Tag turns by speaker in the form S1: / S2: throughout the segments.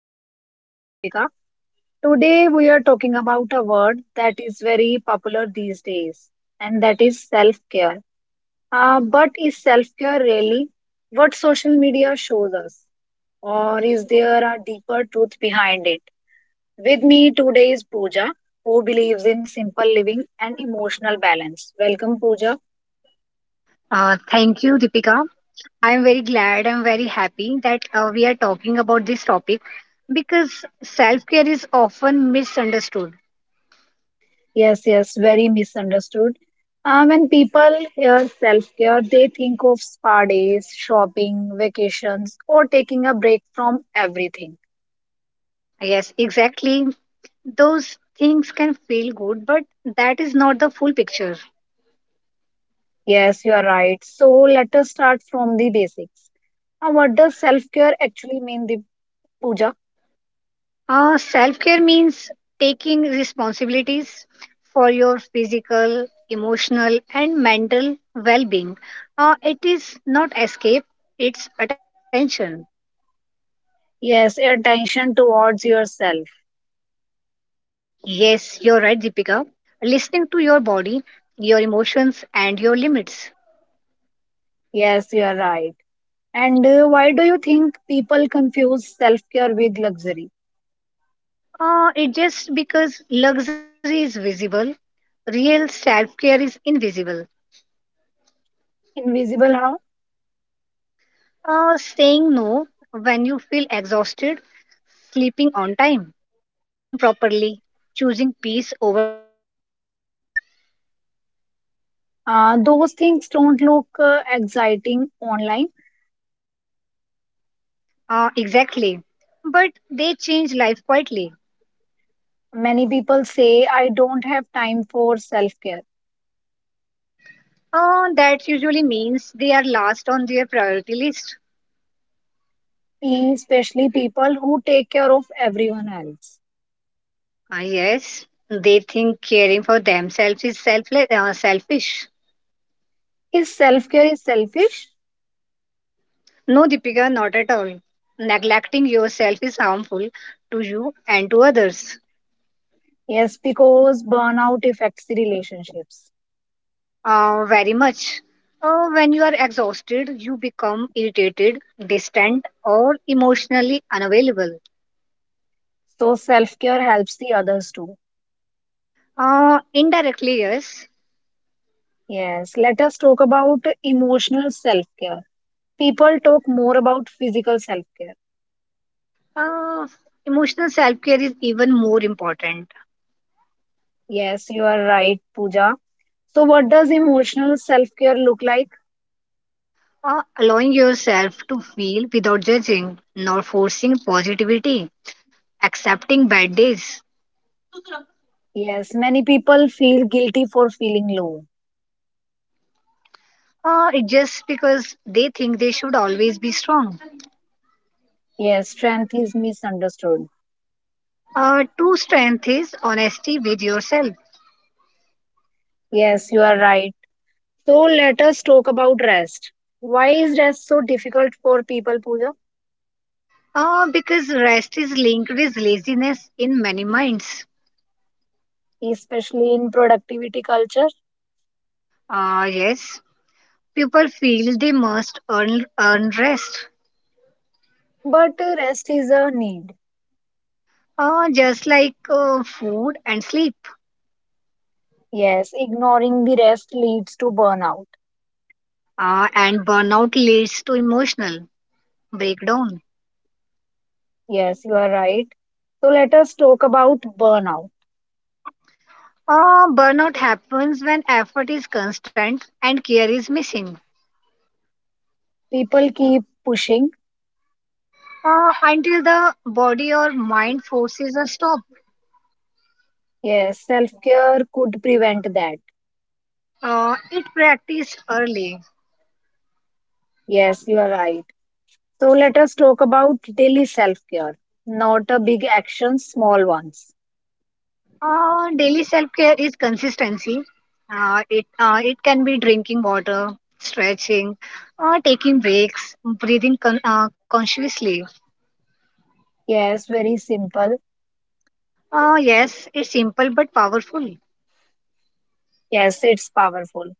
S1: am your host, Deepika. Today, we are talking about a word that is very popular these days, and that is self care. But is self care really what social media shows us, or is there a deeper truth behind it? With me today is Pooja, who believes in simple living and emotional balance. Welcome, Pooja.
S2: Thank you, Deepika. I'm very glad, I'm very happy that we are talking about this topic because self care is often misunderstood.
S1: Yes, very misunderstood. When people hear self care, they think of spa days, shopping, vacations, or taking a break from everything.
S2: Yes, exactly. Those things can feel good, but that is not the full picture.
S1: Yes, you are right. So let us start from the basics. What does self care actually mean, the puja?
S2: Self care means taking responsibilities for your physical, emotional, and mental well being. It is not escape, it's attention.
S1: Yes, attention towards yourself.
S2: Yes, you're right, Deepika. Listening to your body, your emotions, and your limits.
S1: Yes, you are right. And why do you think people confuse self care with luxury?
S2: It just because luxury is visible, real self care is invisible.
S1: Invisible how?
S2: Saying no when you feel exhausted, sleeping on time, eating properly, choosing peace over drama.
S1: Those things don't look exciting online.
S2: Exactly. But they change life quietly.
S1: Many people say, I don't have time for self care,
S2: That means they are last on their priority list.
S1: especially people who take care of everyone else.
S2: Ah, yes, they think caring for themselves is selfless, selfish.
S1: Is self care is selfish?
S2: No, Deepika, not at all. Neglecting yourself is harmful to you and to others.
S1: Yes, because burnout affects the relationships.
S2: Very much. When you are exhausted, you become irritated, distant, or emotionally unavailable.
S1: So self care helps the others too.
S2: Indirectly, yes.
S1: Yes, let us talk about emotional self care. People talk more about physical self care.
S2: Uh, Emotional self care is even more important.
S1: Yes, you are right, Pooja. So, what does emotional self care look like?
S2: Allowing yourself to feel without judging, not forcing positivity accepting bad days.
S1: Yes, many people feel guilty for feeling low.
S2: It's just because they think they should always be strong.
S1: Yes, strength is misunderstood.
S2: True strength is honesty with yourself.
S1: Yes, you are right. So let us talk about rest. Why is rest so difficult for people, Pooja?
S2: Because rest is linked with laziness in many minds.
S1: Especially in productivity culture.
S2: Yes, people feel they must earn rest,
S1: But rest is a need.
S2: just like food and sleep.
S1: Yes, ignoring the rest leads to burnout.
S2: And burnout leads to emotional breakdown.
S1: Yes, you are right. So let us talk about burnout.
S2: Burnout happens when effort is constant and care is missing.
S1: People keep pushing.
S2: Until the body or mind forces a stop.
S1: Yes, self care could prevent that.
S2: It practiced early.
S1: Yes, you are right. So let us talk about daily self care. Not a big action, small ones.
S2: Daily self care is consistency. It can be drinking water, stretching, taking breaks, breathing consciously.
S1: Yes, very simple.
S2: Yes, it's simple but powerful.
S1: Yes, it's powerful.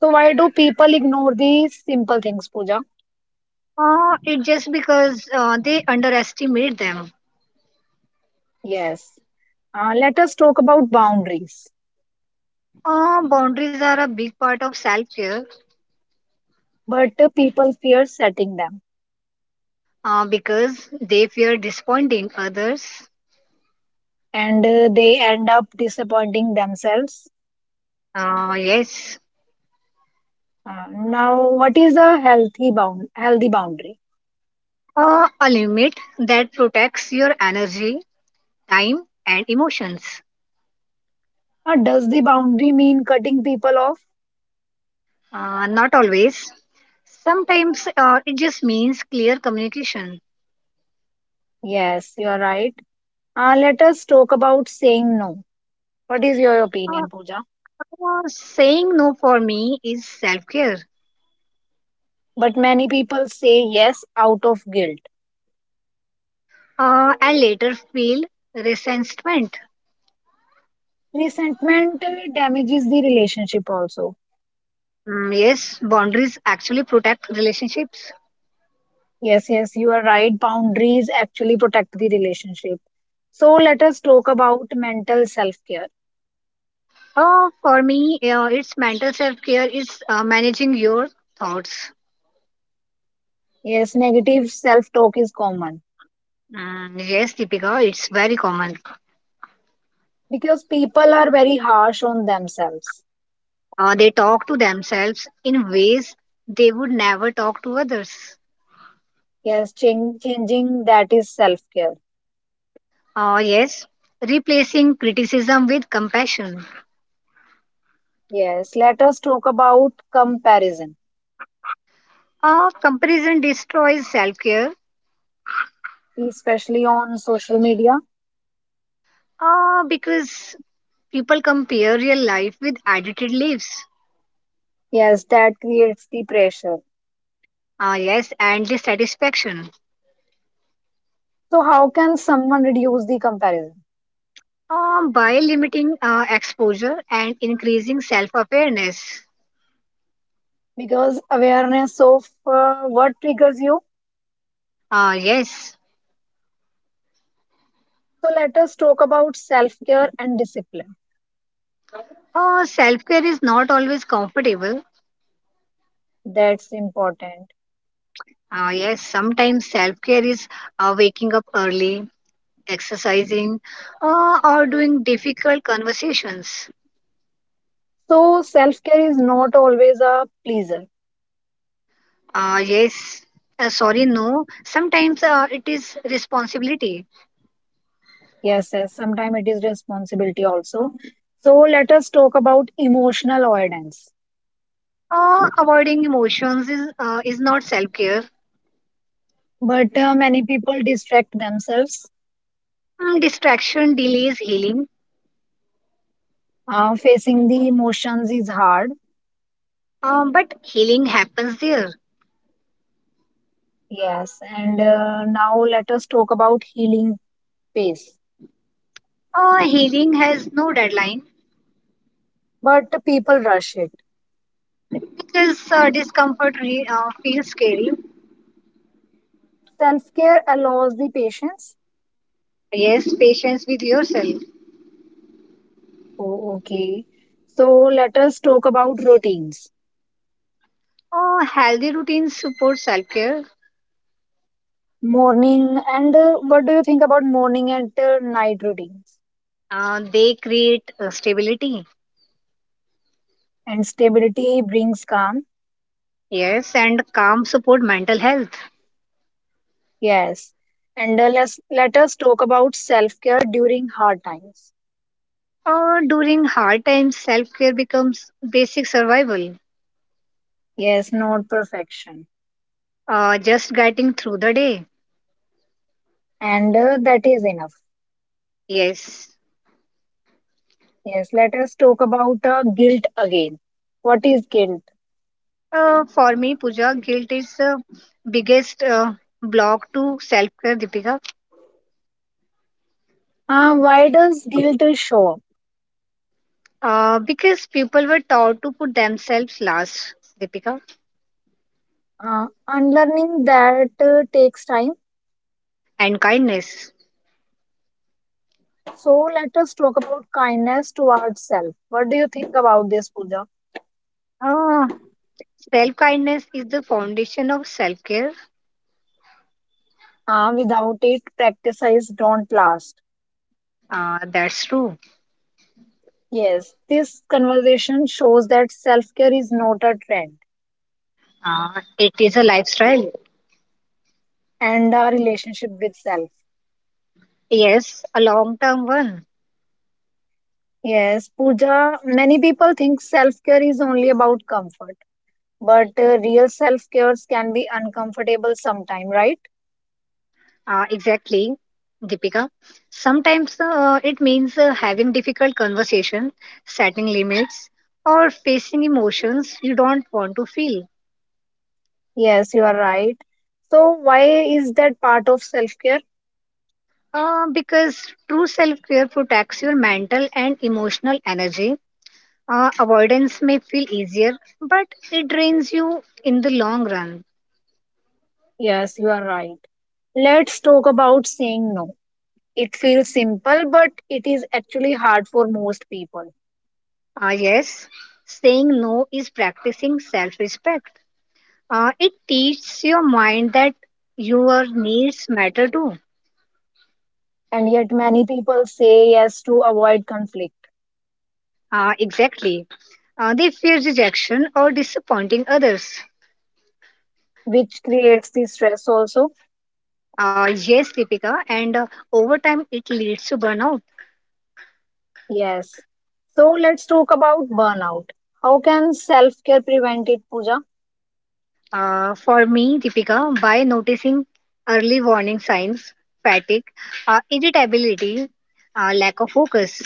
S1: So, why do people ignore these simple things, Pooja?
S2: It just because they underestimate them.
S1: Yes. Let us talk about boundaries.
S2: Boundaries are a big part of self care
S1: But people fear setting them,
S2: because they fear disappointing others.
S1: and they end up disappointing themselves.
S2: Uh, yes,
S1: Now, what is a healthy boundary?
S2: A limit that protects your energy, time, and emotions.
S1: Does the boundary mean cutting people off?
S2: Not always. Sometimes it just means clear communication.
S1: Yes, you are right. Let us talk about saying no. What is your
S2: Uh,
S1: opinion, Pooja?
S2: Saying no for me is self care.
S1: But many people say yes out of guilt.
S2: And later feel resentment.
S1: Resentment damages the relationship also.
S2: Mm, yes, boundaries actually protect relationships.
S1: Yes, you are right. Boundaries actually protect the relationship. So let us talk about mental self care.
S2: It's mental self care is managing your thoughts.
S1: Yes, negative self talk is common
S2: Mm, yes, Deepika, it's very common.
S1: because people are very harsh on themselves.
S2: They talk to themselves in ways they would never talk to others.
S1: Yes, changing that is self care.
S2: Yes, replacing criticism with compassion.
S1: Yes, let us talk about comparison,
S2: Comparison destroys self care
S1: especially on social media.
S2: because people compare real life with edited lives.
S1: Yes, that creates the pressure.
S2: Yes, and dissatisfaction.
S1: So, how can someone reduce the comparison?
S2: By limiting exposure and increasing self awareness.
S1: Because awareness of what triggers you.
S2: Uh, yes,
S1: So let us talk about self care and discipline.
S2: Self care is not always comfortable.
S1: That's important.
S2: Yes, sometimes self care is waking up early, exercising, or doing difficult conversations.
S1: So self care is not always a pleasure.
S2: Uh, yes, no. Sometimes it is responsibility.
S1: Yes. Sometimes it is responsibility also. So let us talk about emotional avoidance.
S2: Avoiding emotions is not self care.
S1: But many people distract themselves.
S2: Distraction delays healing,
S1: Facing the emotions is hard.
S2: but healing happens there.
S1: Yes, and now let us talk about healing pace.
S2: Healing has no deadline
S1: But people rush it.
S2: because uh, discomfort feels scary.
S1: Self care allows the patience.
S2: Yes, patience with yourself.
S1: Oh, okay. So let us talk about routines.
S2: Healthy routines support self care.
S1: Morning and what do you think about morning and night routines?
S2: They create stability,
S1: And stability brings calm.
S2: yes, and calm support mental health.
S1: Yes. And let us talk about self-care during hard times.
S2: During hard times, self care becomes basic survival,
S1: Yes, not perfection.
S2: just getting through the day,
S1: And that is enough.
S2: yes.
S1: Yes, let us talk about guilt again. What is guilt?
S2: For me, Puja, guilt is the biggest block to self care, Deepika,
S1: Why does guilt show up?
S2: because people were taught to put themselves last, Deepika,
S1: Unlearning that takes time.
S2: and kindness.
S1: So let us talk about kindness towards self. What do you think about this, Pooja?
S2: Uh, Self kindness is the foundation of self care.
S1: Without it, practices don't last.
S2: That's true.
S1: Yes, this conversation shows that self care is not a trend
S2: It is a lifestyle.
S1: and a relationship with self.
S2: Yes, a long term one.
S1: Yes, Pooja, many people think self care is only about comfort, but real self cares can be uncomfortable sometime, right?
S2: Exactly, Deepika. Sometimes it means having difficult conversation, setting limits, or facing emotions you don't want to feel.
S1: Yes, you are right. So, why is that part of self care?
S2: Because true self care protects your mental and emotional energy. Avoidance may feel easier, but it drains you in the long run.
S1: Yes, you are right. Let's talk about saying no. It feels simple, but it is actually hard for most people.
S2: Ah, yes, saying no is practicing self respect. It teaches your mind that your needs matter too.
S1: And yet, many people say yes to avoid conflict,
S2: Exactly. They fear rejection or disappointing others.
S1: which creates the stress also.
S2: Yes, Deepika, and over time it leads to burnout.
S1: Yes. So, let's talk about burnout. How can self care prevent it, Pooja?
S2: For me, Deepika, by noticing early warning signs, fatigue, irritability, lack of focus,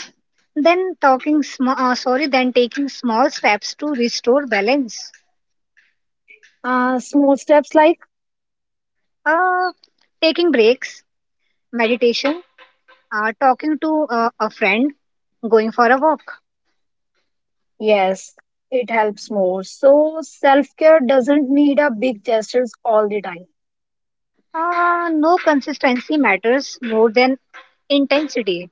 S2: then then taking small steps to restore balance,
S1: Small steps like,
S2: uh, taking breaks, meditation, talking to a friend, going for a walk.
S1: yes, it helps more. So, self care doesn't need a big gestures all the time.
S2: No consistency matters more than intensity.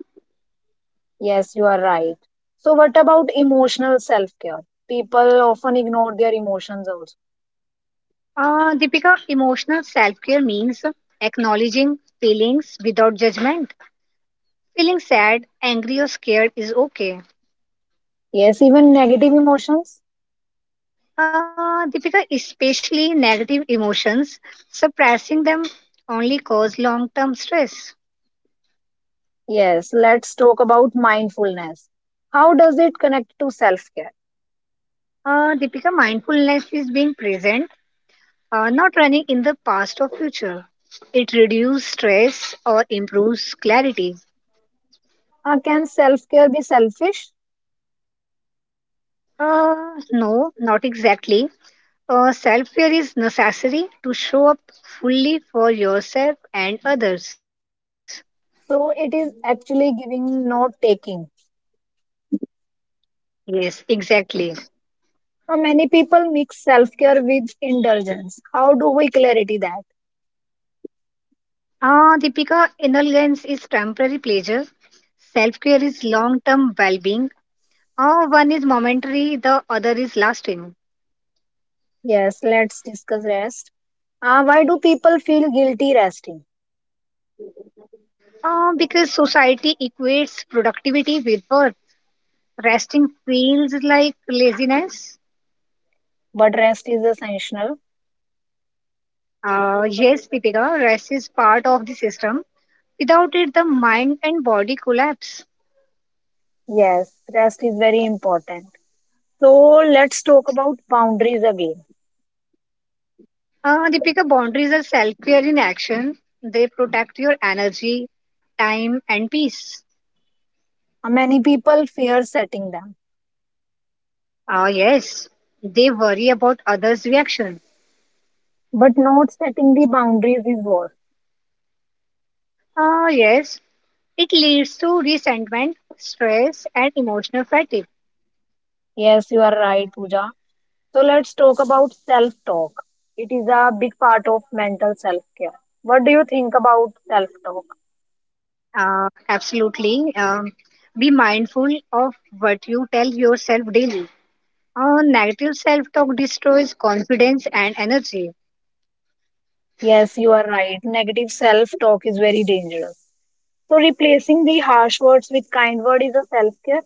S1: Yes, you are right. So, what about emotional self care? People often ignore their emotions also.
S2: Deepika, emotional self care means acknowledging feelings without judgment. Feeling sad, angry, or scared is okay.
S1: Yes, even negative emotions.
S2: Deepika, especially negative emotions, suppressing them only cause long term stress.
S1: Yes, let's talk about mindfulness. How does it connect to self care?
S2: Deepika, mindfulness is being present, not running in the past or future. It reduces stress or improves clarity.
S1: Can self care be selfish?
S2: Uh, no, not exactly. Self care is necessary to show up fully for yourself and others.
S1: So it is actually giving, not taking.
S2: Yes, exactly.
S1: Many people mix self care with indulgence. How do we clarity that?
S2: Deepika, indulgence is temporary pleasure. Self care is long term well being. One is momentary, the other is lasting.
S1: Yes, let's discuss rest. Why do people feel guilty resting?
S2: Because society equates productivity with worth. Resting feels like laziness.
S1: But rest is essential.
S2: Yes, Deepika, rest is part of the system. Without it, the mind and body collapse.
S1: Yes, rest is very important. So let's talk about boundaries again.
S2: Deepika, boundaries are self care in action. They protect your energy, time, and peace.
S1: Many people fear setting them,
S2: Yes, they worry about others' reaction.
S1: but not setting the boundaries is worse.
S2: Yes, it leads to resentment, stress, and emotional fatigue.
S1: Yes, you are right, Pooja. So let's talk about self talk. It is a big part of mental self care. What do you think about self talk?
S2: Absolutely. Be mindful of what you tell yourself daily. Negative self talk destroys confidence and energy.
S1: Yes, you are right. Negative self talk is very dangerous. So replacing the harsh words with kind word is a self care.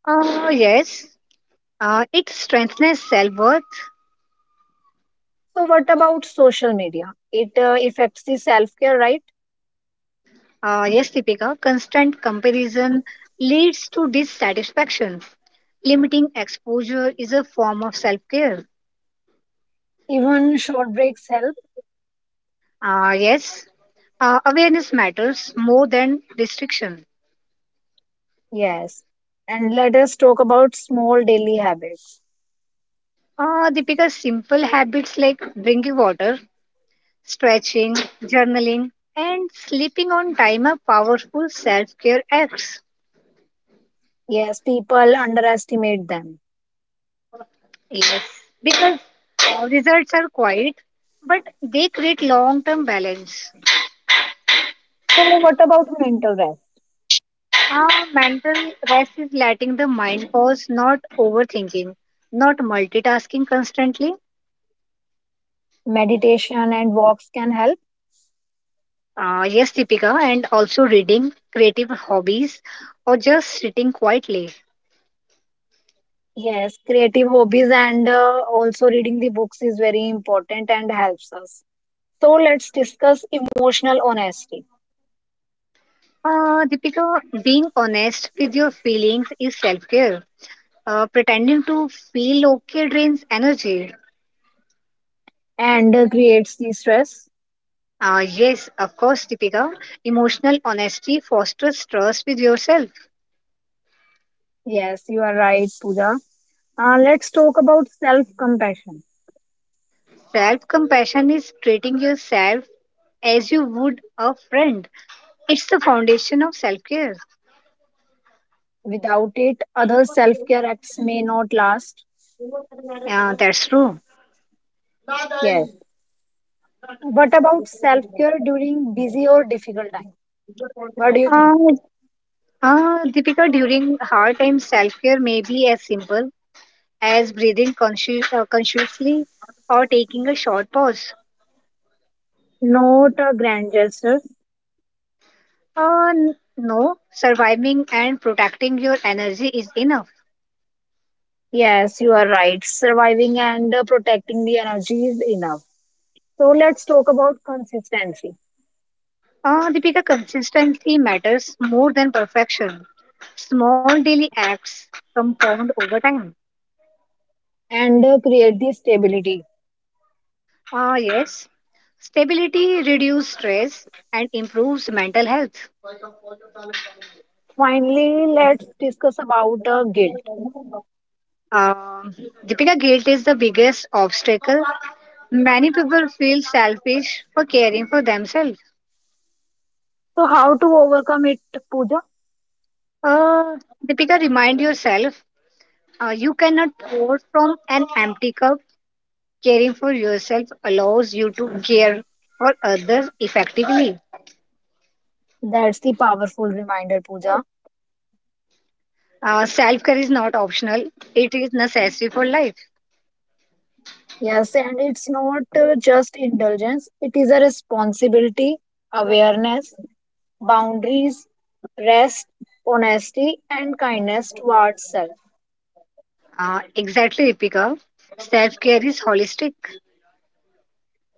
S2: Uh, yes, it strengthens self worth.
S1: So what about social media? It affects the self care, right?
S2: Yes, Deepika, constant comparison leads to dissatisfaction. Limiting exposure is a form of self care.
S1: Even short breaks help.
S2: Uh, yes, Awareness matters more than restriction.
S1: Yes. And let us talk about small daily habits.
S2: Deepika, simple habits like drinking water, stretching, journaling, and sleeping on time are powerful self care acts.
S1: Yes, people underestimate them.
S2: Yes, because results are quiet, but they create long term balance.
S1: So, what about mental rest?
S2: Mental rest is letting the mind pause, not overthinking, not multitasking constantly.
S1: Meditation and walks can help.
S2: Yes, Deepika, and also reading, creative hobbies, or just sitting quietly.
S1: Yes, creative hobbies and also reading the books is very important and helps us. So let's discuss emotional honesty
S2: Deepika, being honest with your feelings is self care. Pretending to feel okay drains energy.
S1: and creates the stress.
S2: Yes, of course, Deepika. Emotional honesty fosters trust with yourself.
S1: Yes, you are right, Pooja. Let's talk about self compassion.
S2: Self compassion is treating yourself as you would a friend. It's the foundation of self care.
S1: Without it, other self care acts may not last.
S2: Yeah, that's true.
S1: Yes. What about self care during busy or difficult time? What do you think?
S2: Uh, Deepika, during hard times, self care may be as simple as breathing consciously or taking a short pause.
S1: Not a grand gesture.
S2: No, surviving and protecting your energy is enough.
S1: Yes, you are right. Surviving and protecting the energy is enough. So let's talk about consistency
S2: Deepika, consistency matters more than perfection. Small daily acts compound over time.
S1: and create the stability.
S2: Ah, yes, stability reduces stress and improves mental health.
S1: Finally, let's discuss about guilt.
S2: Um Deepika, guilt is the biggest obstacle. Many people feel selfish for caring for themselves.
S1: So how to overcome it, Pooja?
S2: Uh, Deepika, remind yourself you cannot pour from an empty cup. Caring for yourself allows you to care for others effectively.
S1: That's the powerful reminder, Pooja.
S2: Self care is not optional, it is necessary for life.
S1: Yes, and it's not just indulgence. It is a responsibility, awareness, boundaries, rest, honesty, and kindness towards self.
S2: Exactly, Deepika. Self care is holistic.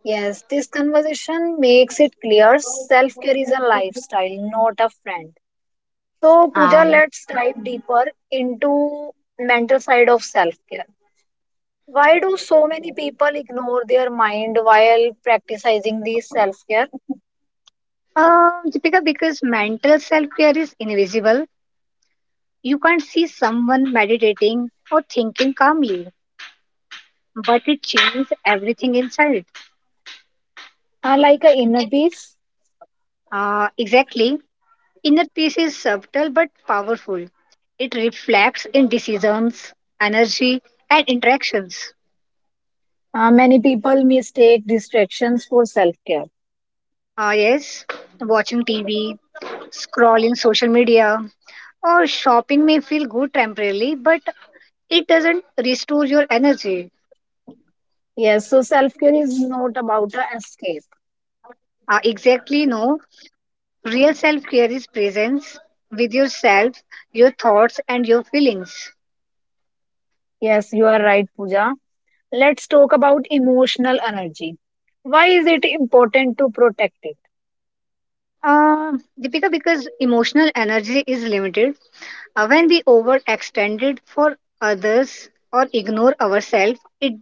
S1: Yes, this conversation makes it clear self care is a lifestyle, not a friend. So, Pooja,
S2: Um,
S1: let's dive deeper into mental side of self care. Why do so many people ignore their mind while practicing this self care?
S2: Deepika, because mental self care is invisible, you can't see someone meditating or thinking calmly, but it changes everything inside.
S1: Like a inner peace,
S2: Exactly. Inner peace is subtle but powerful. It reflects in decisions, energy, and interactions.
S1: many people mistake distractions for self care.
S2: Ah, yes, watching TV, scrolling social media, or shopping may feel good temporarily, but it doesn't restore your energy.
S1: Yes, so self care is not about a escape.
S2: Ah, exactly, no. Real self care is presence with yourself, your thoughts, and your feelings.
S1: Yes, you are right, Pooja. Let's talk about emotional energy. Why is it important to protect it?
S2: Uh, Deepika, because emotional energy is limited, when we overextend it for others or ignore ourselves, it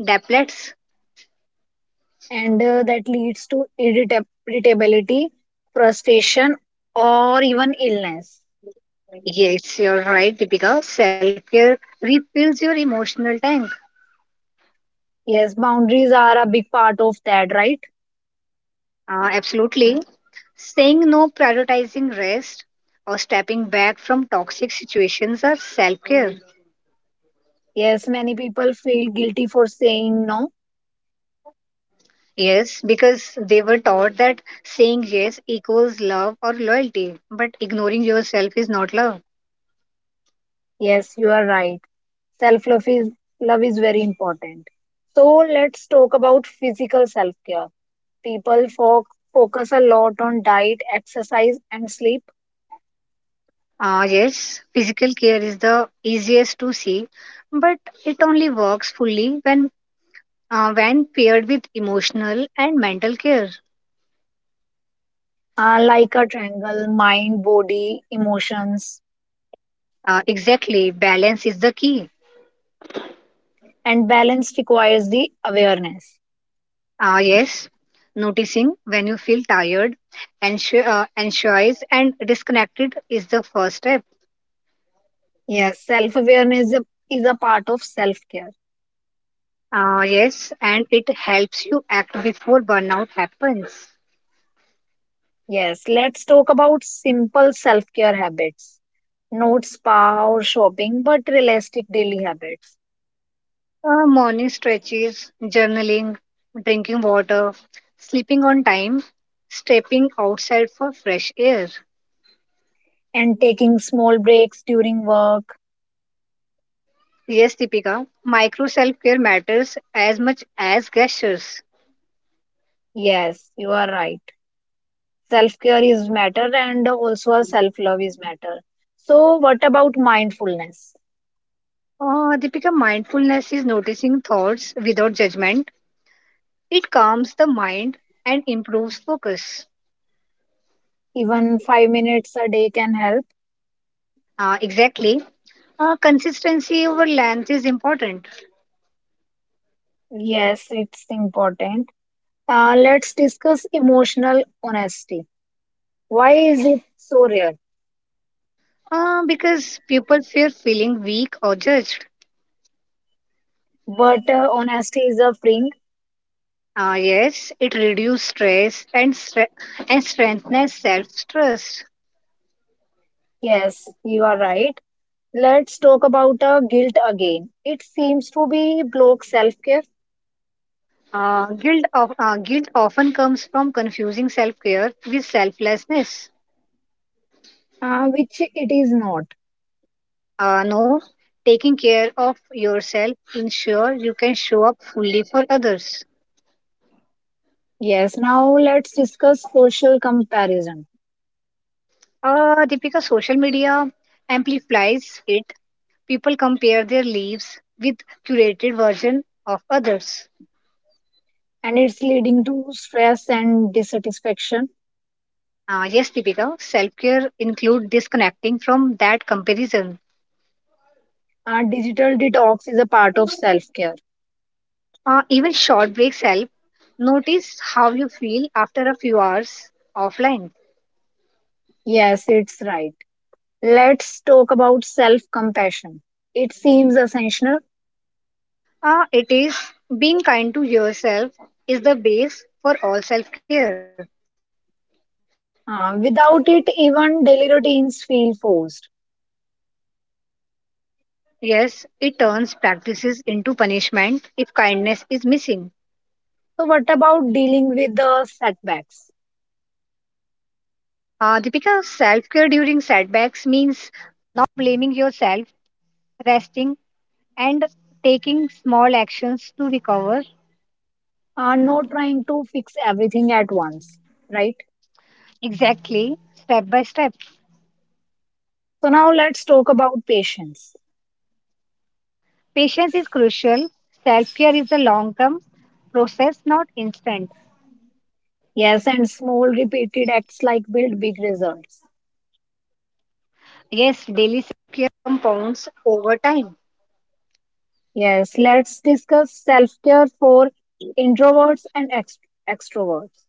S2: depletes.
S1: And that leads to irritability, frustration, or even illness.
S2: Yes, you're right, Deepika. Self care refills your emotional tank.
S1: Yes, boundaries are a big part of that, right?
S2: Absolutely. Saying no, prioritizing rest, or stepping back from toxic situations are self care.
S1: Yes, many people feel guilty for saying no.
S2: Yes, because they were taught that saying yes equals love or loyalty, but ignoring yourself is not love.
S1: Yes, you are right. Self love is very important. So let's talk about physical self care. People focus a lot on diet, exercise, and sleep
S2: Yes, physical care is the easiest to see, but it only works fully when paired with emotional and mental care.
S1: are like a triangle mind, body, emotions,
S2: Exactly, balance is the key.
S1: and balance requires the awareness.
S2: Yes, noticing when you feel tired, anxious, and disconnected is the first step.
S1: Yes, self awareness is a part of self care.
S2: Yes, and it helps you act before burnout happens.
S1: Yes, let's talk about simple self care habits, not spa or shopping, but realistic daily habits
S2: Morning stretches, journaling, drinking water, sleeping on time, stepping outside for fresh air.
S1: and taking small breaks during work.
S2: Yes, Deepika, micro self care matters as much as gestures.
S1: Yes, you are right. Self care is matter and also self love is matter. So, what about mindfulness?
S2: Deepika, mindfulness is noticing thoughts without judgment. It calms the mind and improves focus.
S1: Even 5 minutes a day can help.
S2: Exactly. Consistency over length is important
S1: Yes, it's important. Let's discuss emotional honesty. Why is it so rare?
S2: because people fear feeling weak or judged.
S1: But honesty is a freeing.
S2: Yes, it reduces stress and strengthens self trust.
S1: Yes, you are right. Let's talk about guilt again. It seems to be block self-care,
S2: Guilt often comes from confusing self care with selflessness.
S1: which it is not.
S2: No, taking care of yourself ensure you can show up fully for others.
S1: Yes, now let's discuss social comparison
S2: Deepika, social media amplifies it. People compare their lives with curated version of others.
S1: and it's leading to stress and dissatisfaction.
S2: Yes, Deepika, self-care include disconnecting from that comparison.
S1: Digital detox is a part of self-care.
S2: Even short breaks help. Notice how you feel after a few hours offline.
S1: Yes, it's right. Let's talk about self compassion. It seems essential.
S2: It is being kind to yourself is the base for all self-care.
S1: Without it, even daily routines feel forced.
S2: Yes, it turns practices into punishment if kindness is missing.
S1: So, what about dealing with the setbacks?
S2: Deepika, self care during setbacks means.
S1: Not trying to fix everything at once, right? So, now let's talk about patience. Yes, and small repeated acts like build big results. Yes, let's discuss self care for introverts and extroverts.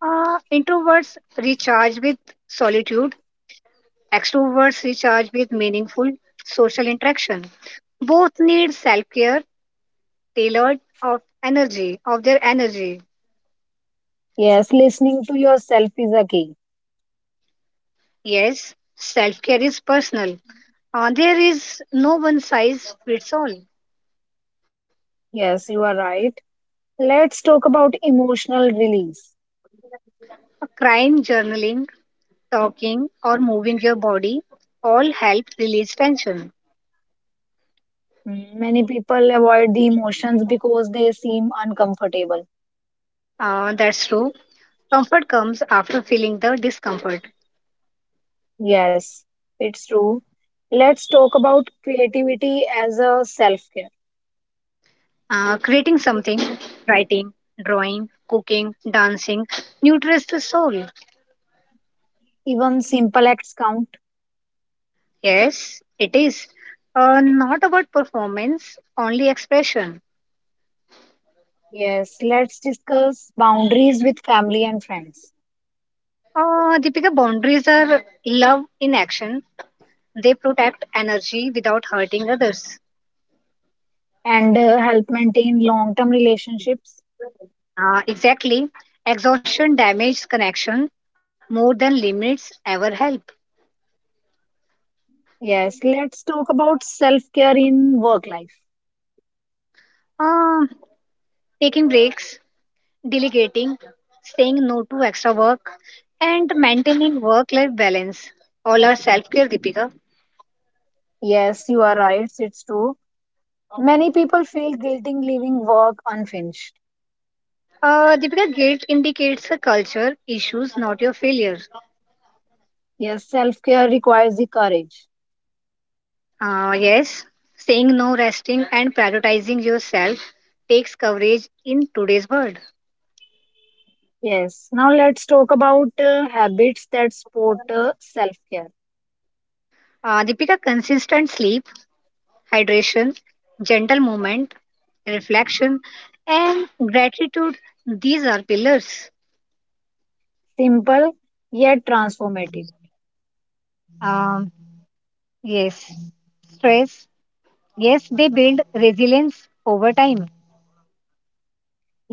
S2: Introverts recharge with solitude, extroverts recharge with meaningful social interaction. Both need self-care tailored of energy, of their energy.
S1: Yes, listening to yourself is a key.
S2: Yes, self-care is personal. There is no one size fits all.
S1: Yes, you are right. Let's talk about emotional release.
S2: A crime journaling, talking or moving your body all help release tension.
S1: Many people avoid the emotions because they seem uncomfortable.
S2: That's true. Comfort comes after feeling the discomfort.
S1: Yes, it's true. Let's talk about creativity as a self care.
S2: Creating something, writing, drawing, cooking, dancing nurtures the soul.
S1: Even simple acts count.
S2: Yes, it is. Not about performance, only expression.
S1: Yes, let's discuss boundaries with family and friends
S2: Deepika, boundaries are love in action. They protect energy without hurting others.
S1: and help maintain long term relationships.
S2: Exactly. Exhaustion damages connection more than limits ever help.
S1: Yes, let's talk about self care in work life.
S2: Uh, Taking breaks, delegating, saying no to extra work, and maintaining work life balance. All are self care, Deepika.
S1: Yes, you are right, it's true. Many people feel guilty leaving work unfinished.
S2: Deepika, guilt indicates a culture, issues, not your failure.
S1: Yes, self care requires the courage.
S2: Yes, saying no, resting, and prioritizing yourself takes coverage in today's world.
S1: Yes. Now let's talk about habits that support self care.
S2: Deepika, consistent sleep, hydration, gentle movement, reflection, and gratitude, these are pillars.
S1: Simple yet transformative.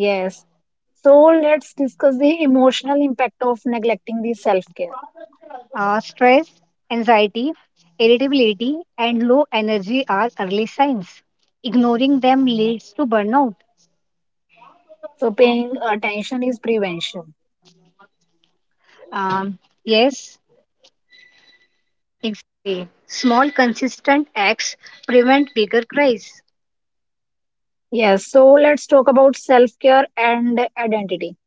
S1: Yes. So let's discuss the emotional impact of neglecting the self care. So paying attention is prevention.
S2: Prevent bigger cries.
S1: Yes. So let's talk about self care and identity,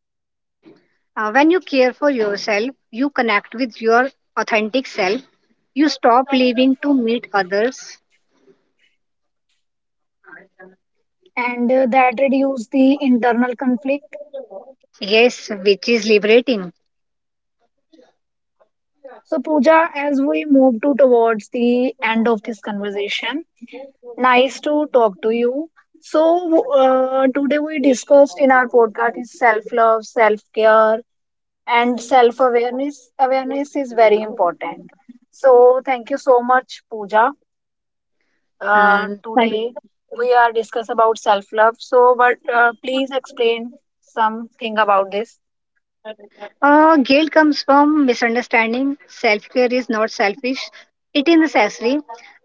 S2: When you care for yourself, you connect with your authentic self. You stop living to meet others.
S1: and that reduce the internal conflict.
S2: Yes, which is liberating.
S1: So Pooja, as we move to towards the end of this conversation. Nice to talk to you. So, today we discussed in our podcast is self love, self care, and self awareness. Awareness is very important. So, thank you so much, Pooja.
S2: Mm, but,
S1: Today we are discuss about self love. So, but please explain something about this.
S2: Guilt comes from misunderstanding. Self care is not selfish, it is necessary.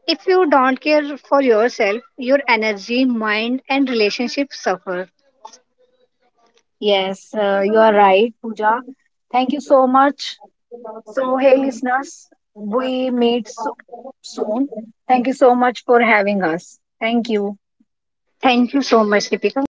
S2: If you don't care for yourself, your energy, mind, and relationship suffer.
S1: Yes, you are right, Pooja. Thank you so much. So, hey listeners, we meet soon. Thank you so much for having us. Thank you.
S2: Thank you so much, Deepika.